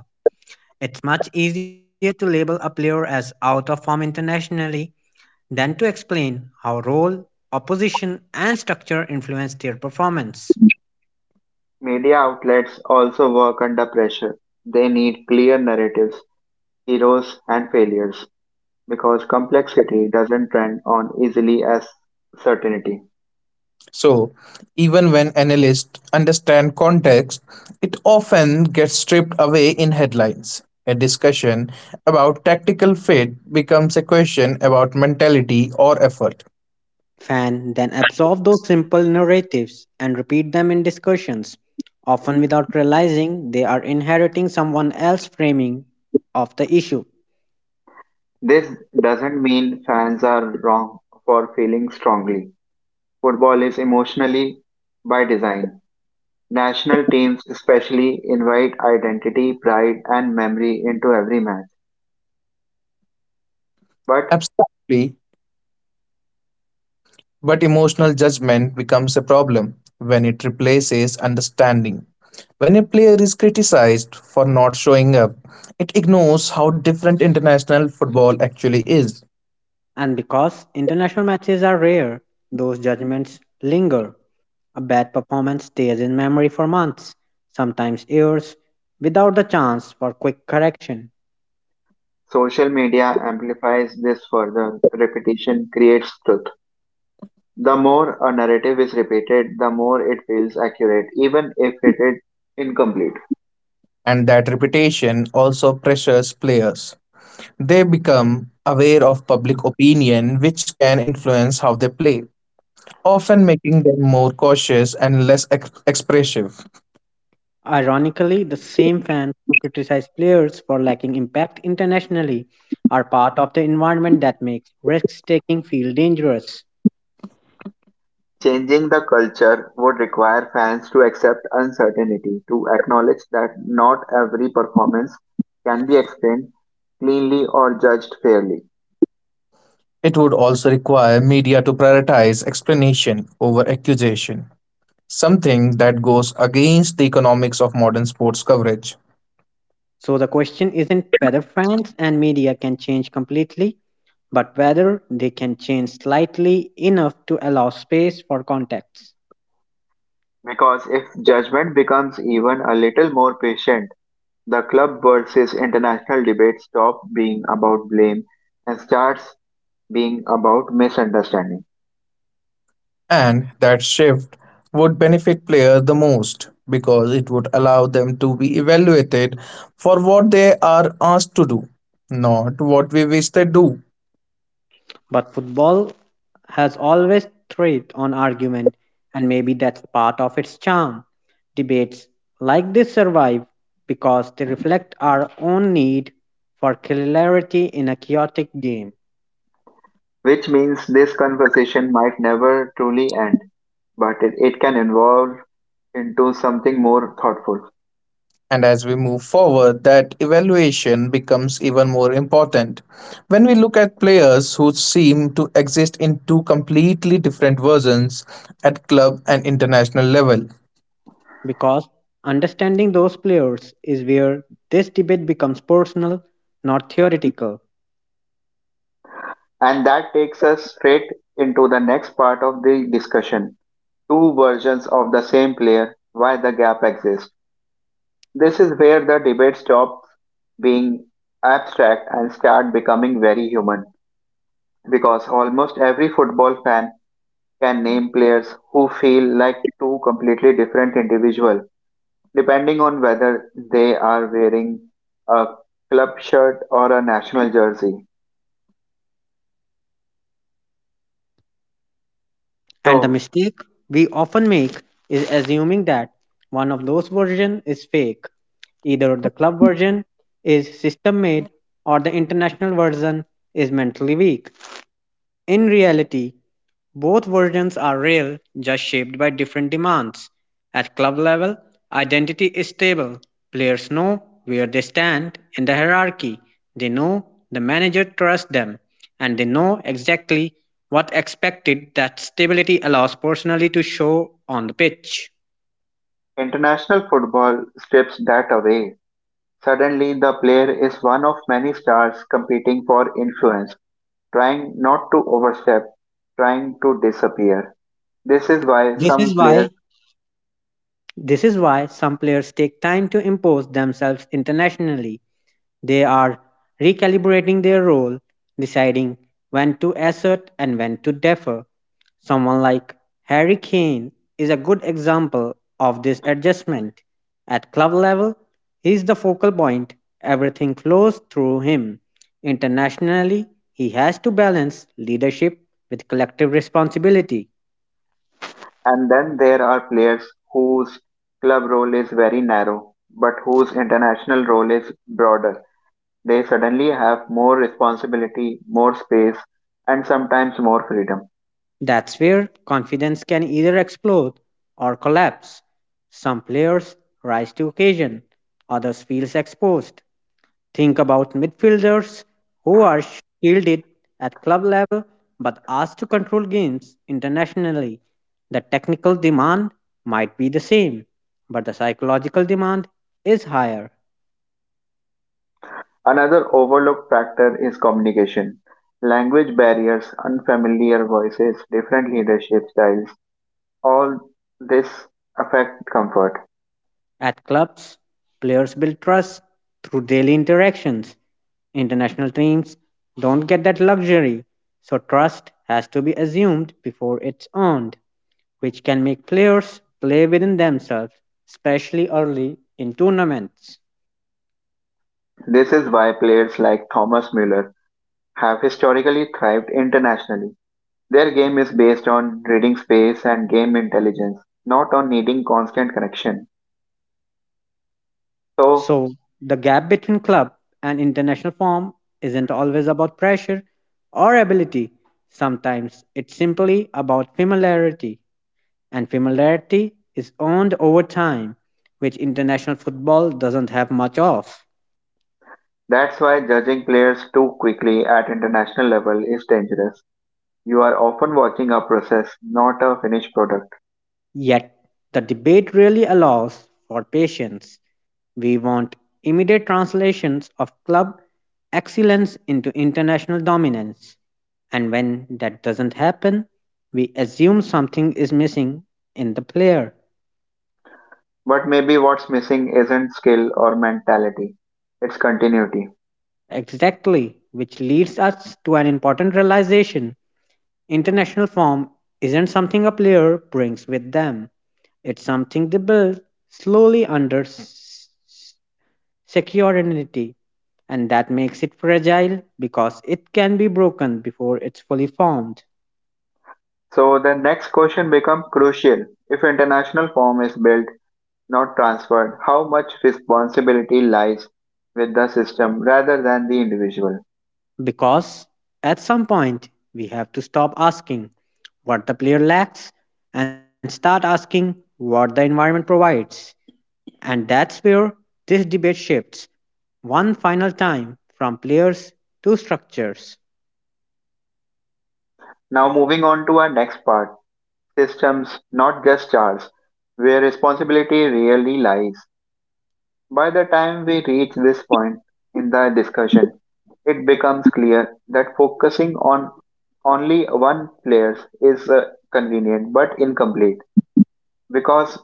S3: It's much easier to label a player as out of form internationally than to explain how role, opposition, and structure influence their performance.
S1: media outlets also work under pressure. They need clear narratives, heroes, and failures because complexity doesn't trend on easily as certainty.
S2: So, even when analysts understand context, it often gets stripped away in headlines. A discussion about tactical fit becomes a question about mentality or effort.
S3: Fan then absorb those simple narratives and repeat them in discussions, often without realizing they are inheriting someone else's framing of the issue.
S1: This doesn't mean fans are wrong for feeling strongly. Football is emotionally by design. National teams especially invite identity, pride, and memory into every match. But
S2: Abstractly, but emotional judgment becomes a problem when it replaces understanding. When a player is criticized for not showing up, it ignores how different international football actually is,
S3: And because international matches are rare, those judgments linger. A bad performance stays in memory for months, sometimes years, without the chance for quick correction.
S1: social media amplifies this further. Repetition creates truth. The more a narrative is repeated, the more it feels accurate, even if it is incomplete.
S2: and that reputation also pressures players. They become aware of public opinion, which can influence how they play, often making them more cautious and less expressive.
S3: Ironically, the same fans who criticize players for lacking impact internationally are part of the environment that makes risk taking feel dangerous.
S1: Changing the culture would require fans to accept uncertainty, to acknowledge that not every performance can be explained cleanly or judged fairly.
S2: It would also require media to prioritize explanation over accusation, something that goes against the economics of modern sports coverage.
S3: So the question isn't whether fans and media can change completely, but whether they can change slightly enough to allow space for context.
S1: Because if judgment becomes even a little more patient, the club versus international debate stop being about blame and starts being about misunderstanding.
S2: And that shift would benefit players the most because it would allow them to be evaluated for what they are asked to do, not what we wish they do.
S3: But football has always thrived on argument, and maybe that's part of its charm. Debates like this survive because they reflect our own need for clarity in a chaotic game.
S1: Which means this conversation might never truly end, but it can evolve into something more thoughtful.
S2: And as we move forward, that evaluation becomes even more important. When we look at players who seem to exist in two completely different versions at club and international level,
S3: Because understanding those players is where this debate becomes personal, not theoretical.
S1: And that takes us straight into the next part of the discussion: two versions of the same player, why the gap exists. This is where the debate stops being abstract and start becoming very human because almost every football fan can name players who feel like two completely different individuals depending on whether they are wearing a club shirt or a national jersey.
S3: And the
S1: So
S3: mistake we often make is assuming that one of those versions is fake. Either the club version is system made or the international version is mentally weak. In reality, both versions are real, just shaped by different demands. At club level, identity is stable. Players know where they stand in the hierarchy. They know the manager trusts them, and they know exactly what expected. That stability allows personality to show on the pitch.
S1: international football strips that away. Suddenly, the player is one of many stars competing for influence, trying not to overstep, trying to disappear. This is why
S3: This is
S1: some
S3: why
S1: players,
S3: This is why some players take time to impose themselves internationally. They are recalibrating their role, deciding when to assert and when to defer. Someone like Harry Kane is a good example of this adjustment. At club level, he is the focal point, everything flows through him. Internationally, he has to balance leadership with collective responsibility.
S1: and then there are players whose club role is very narrow, but whose international role is broader. They suddenly have more responsibility, more space, and sometimes more freedom.
S3: That's where confidence can either explode or collapse. Some players rise to occasion, others feel exposed. Think about midfielders who are shielded at club level but asked to control games internationally. The technical demand might be the same, but the psychological demand is higher.
S1: Another overlooked factor is communication. Language barriers, unfamiliar voices, different leadership styles, all this affect comfort.
S3: At clubs, players build trust through daily interactions. International teams don't get that luxury, so trust has to be assumed before it's earned, which can make players play within themselves, especially early in tournaments.
S1: This is why players like Thomas Müller have historically thrived internationally. Their game is based on reading space and game intelligence, not on needing constant connection. So
S3: So, the gap between club and international form isn't always about pressure or ability, sometimes it's simply about familiarity. And familiarity is earned over time, which international football doesn't have much of.
S1: that's why judging players too quickly at international level is dangerous. You are often watching a process, not a finished product.
S3: Yet, the debate really allows for patience. We want immediate translations of club excellence into international dominance. And when that doesn't happen, we assume something is missing in the player.
S1: But maybe what's missing isn't skill or mentality, it's continuity.
S3: Exactly, which leads us to an important realization. International form isn't something a player brings with them. It's something they build slowly under security, and that makes it fragile because it can be broken before it's fully formed.
S1: So the next question becomes crucial. If international form is built, not transferred, how much responsibility lies with the system rather than the individual?
S3: Because at some point, we have to stop asking what the player lacks and start asking what the environment provides. And that's where this debate shifts one final time from players to structures.
S1: Now moving on to our next part, systems, not just charts, where responsibility really lies. By the time we reach this point in the discussion, it becomes clear that focusing on only one player is convenient but incomplete. Because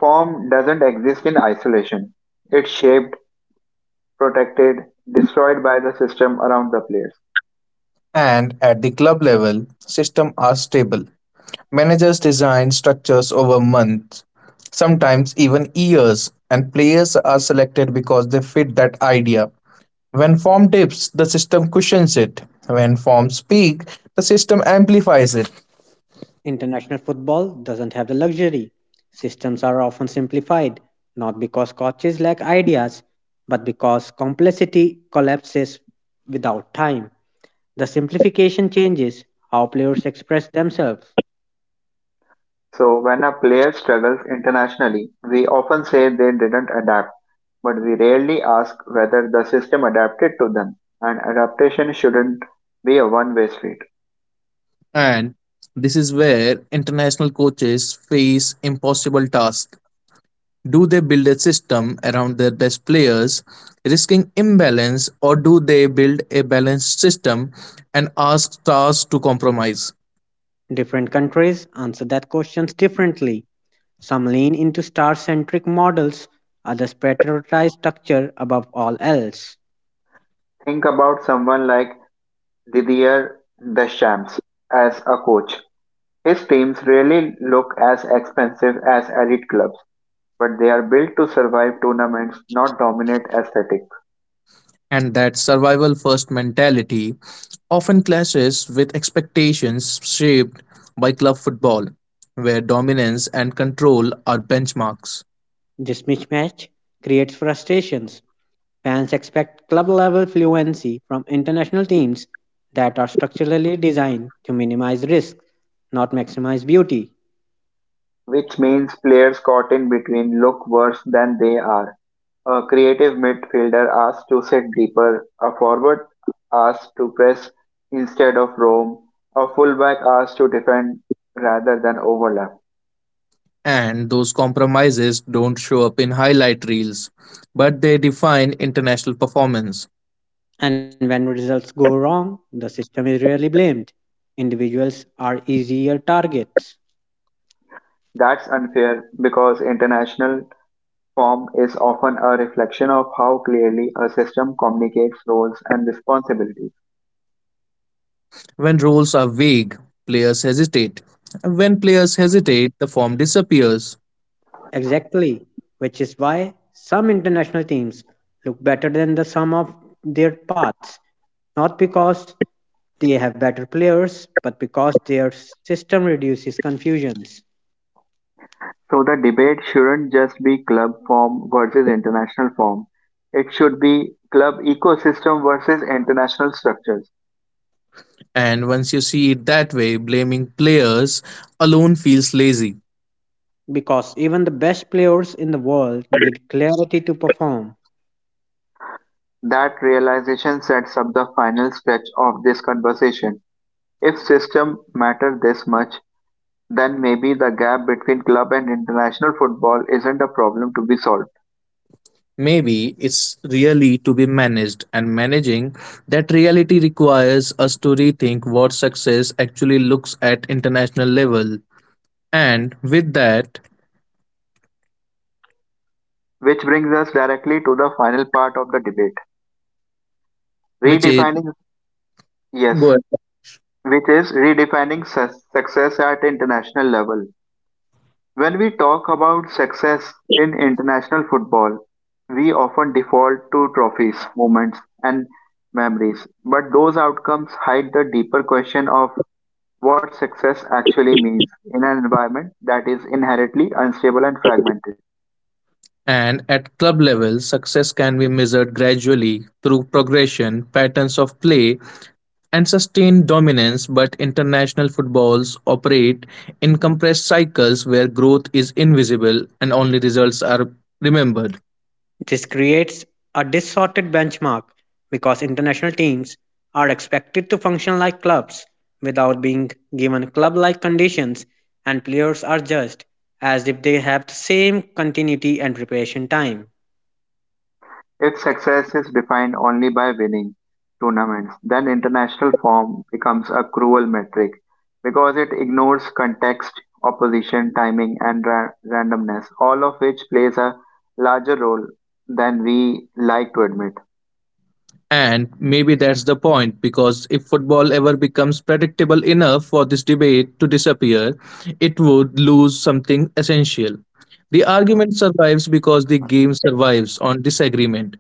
S1: form doesn't exist in isolation. It's shaped, protected, destroyed by the system around the players.
S2: and at the club level, systems are stable. Managers design structures over months, sometimes even years, and players are selected because they fit that idea. When form dips, the system cushions it. When forms peak, the system amplifies it.
S3: International football doesn't have the luxury. Systems are often simplified, not because coaches lack ideas, but because complexity collapses without time. The simplification changes how players express themselves.
S1: So when a player struggles internationally, we often say they didn't adapt, but we rarely ask whether the system adapted to them. And adaptation shouldn't be a one-way street.
S2: And this is where international coaches face impossible tasks. Do they build a system around their best players, risking imbalance, or do they build a balanced system and ask stars to compromise?
S3: Different countries answer that questions differently. Some lean into star-centric models, others prioritize structure above all else.
S1: Think about someone like Didier Deschamps as a coach. His teams really look as expensive as elite clubs, but they are built to survive tournaments, not dominate aesthetics.
S2: And that survival first mentality often clashes with expectations shaped by club football, where dominance and control are benchmarks.
S3: This mismatch creates frustrations. Fans expect club level fluency from international teams that are structurally designed to minimize risk, not maximize beauty.
S1: Which means players caught in between look worse than they are. A creative midfielder asked to sit deeper, a forward asked to press instead of roam, a fullback asked to defend rather than overlap.
S2: And those compromises don't show up in highlight reels, but they define international performance.
S3: And when results go wrong, the system is rarely blamed. Individuals are easier targets.
S1: That's unfair because international form is often a reflection of how clearly a system communicates roles and responsibilities.
S2: When rules are vague, players hesitate. When players hesitate, the form disappears.
S3: Exactly, which is why some international teams look better than the sum of their parts, not because they have better players, but because their system reduces confusions.
S1: So the debate shouldn't just be club form versus international form. It should be club ecosystem versus international structures.
S2: And once you see it that way, blaming players alone feels lazy.
S3: Because even the best players in the world need clarity to perform.
S1: That realization sets up the final stretch of this conversation. If system matter this much, then maybe the gap between club and international football isn't a problem to be solved.
S2: Maybe it's really to be managed, and managing that reality requires us to rethink what success actually looks at international level. And with that,
S1: Which brings us directly to the final part of the debate.
S2: which is
S1: Redefining, yes,
S2: good.
S1: which is redefining success at international level. When we talk about success in international football, we often default to trophies, moments, and memories. But those outcomes hide the deeper question of what success actually means in an environment that is inherently unstable and fragmented.
S2: And at club level, success can be measured gradually through progression, patterns of play, and sustained dominance. But international footballs operate in compressed cycles where growth is invisible and only results are remembered.
S3: This creates a distorted benchmark because international teams are expected to function like clubs without being given club like conditions, and players are judged as if they have the same continuity and preparation time.
S1: If success is defined only by winning tournaments, then international form becomes a cruel metric because it ignores context, opposition, timing, and randomness, all of which plays a larger role than we like to admit.
S2: And maybe that's the point, because if football ever becomes predictable enough for this debate to disappear, it would lose something essential. The argument survives because the game survives on disagreement,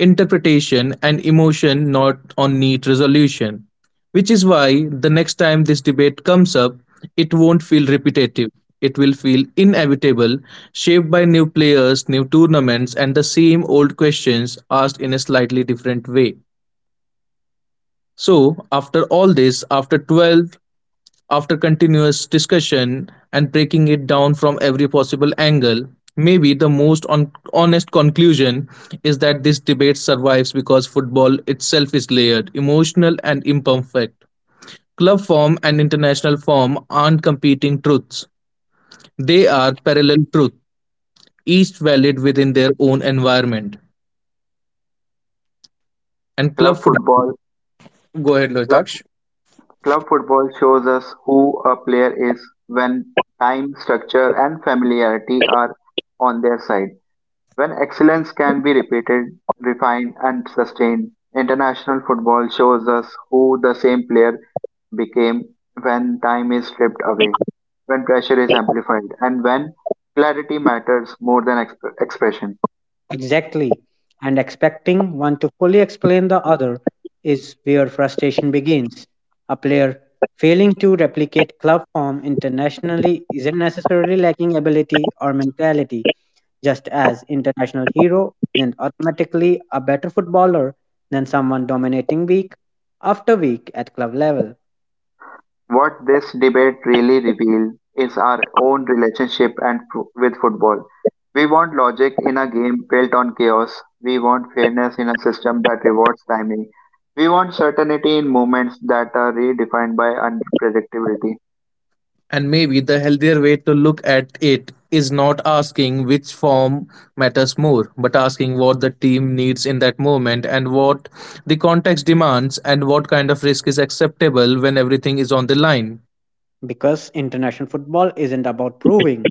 S2: interpretation, and emotion, not on neat resolution. Which is why the next time this debate comes up, it won't feel repetitive. It will feel inevitable, shaped by new players, new tournaments, and the same old questions asked in a slightly different way. So, after all this, after 12, after continuous discussion and breaking it down from every possible angle, maybe the most honest conclusion is that this debate survives because football itself is layered, emotional, and imperfect. Club form and international form aren't competing truths, they are parallel truths, each valid within their own environment. And club
S1: Club
S2: football.
S1: football,
S2: Go ahead,
S1: club,
S2: Loitaksh.
S1: club football shows us who a player is when time, structure, and familiarity are on their side. When excellence can be repeated, refined, and sustained, international football shows us who the same player became when time is stripped away, when pressure is amplified, and when clarity matters more than expression.
S3: Exactly. And expecting one to fully explain the other is where frustration begins. A player failing to replicate club form internationally isn't necessarily lacking ability or mentality, just as international hero isn't automatically a better footballer than someone dominating week after week at club level.
S1: What this debate really reveals is our own relationship and with football. We want logic in a game built on chaos. We want fairness in a system that rewards timing. We want certainty in movements that are redefined by unpredictability.
S2: And maybe the healthier way to look at it is not asking which form matters more, but asking what the team needs in that moment and what the context demands and what kind of risk is acceptable when everything is on the line.
S3: Because international football isn't about proving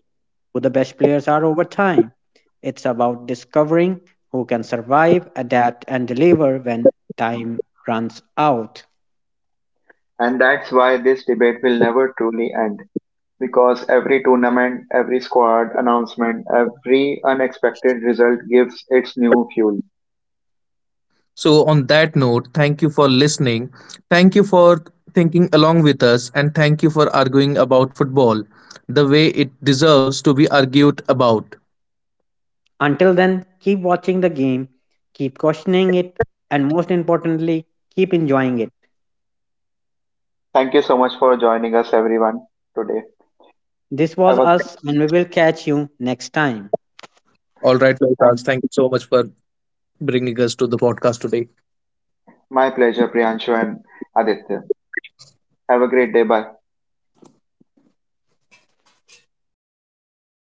S3: who the best players are over time. It's about discovering who can survive, adapt, and deliver when time runs out.
S1: And that's why this debate will never truly end. Because every tournament, every squad announcement, every unexpected result gives its new fuel.
S2: So, on that note, thank you for listening. Thank you for thinking along with us, and thank you for arguing about football the way it deserves to be argued about.
S3: Until then, keep watching the game, keep questioning it, and most importantly, keep enjoying it.
S1: Thank you so much for joining us, everyone, today.
S3: This was
S1: Have a
S3: us, and we will catch you next time.
S2: All right, Lohitas,
S1: thank
S2: thank you so much for bringing us to the podcast today.
S1: My pleasure, Priyanshu and Aditya. Have a great day. Bye.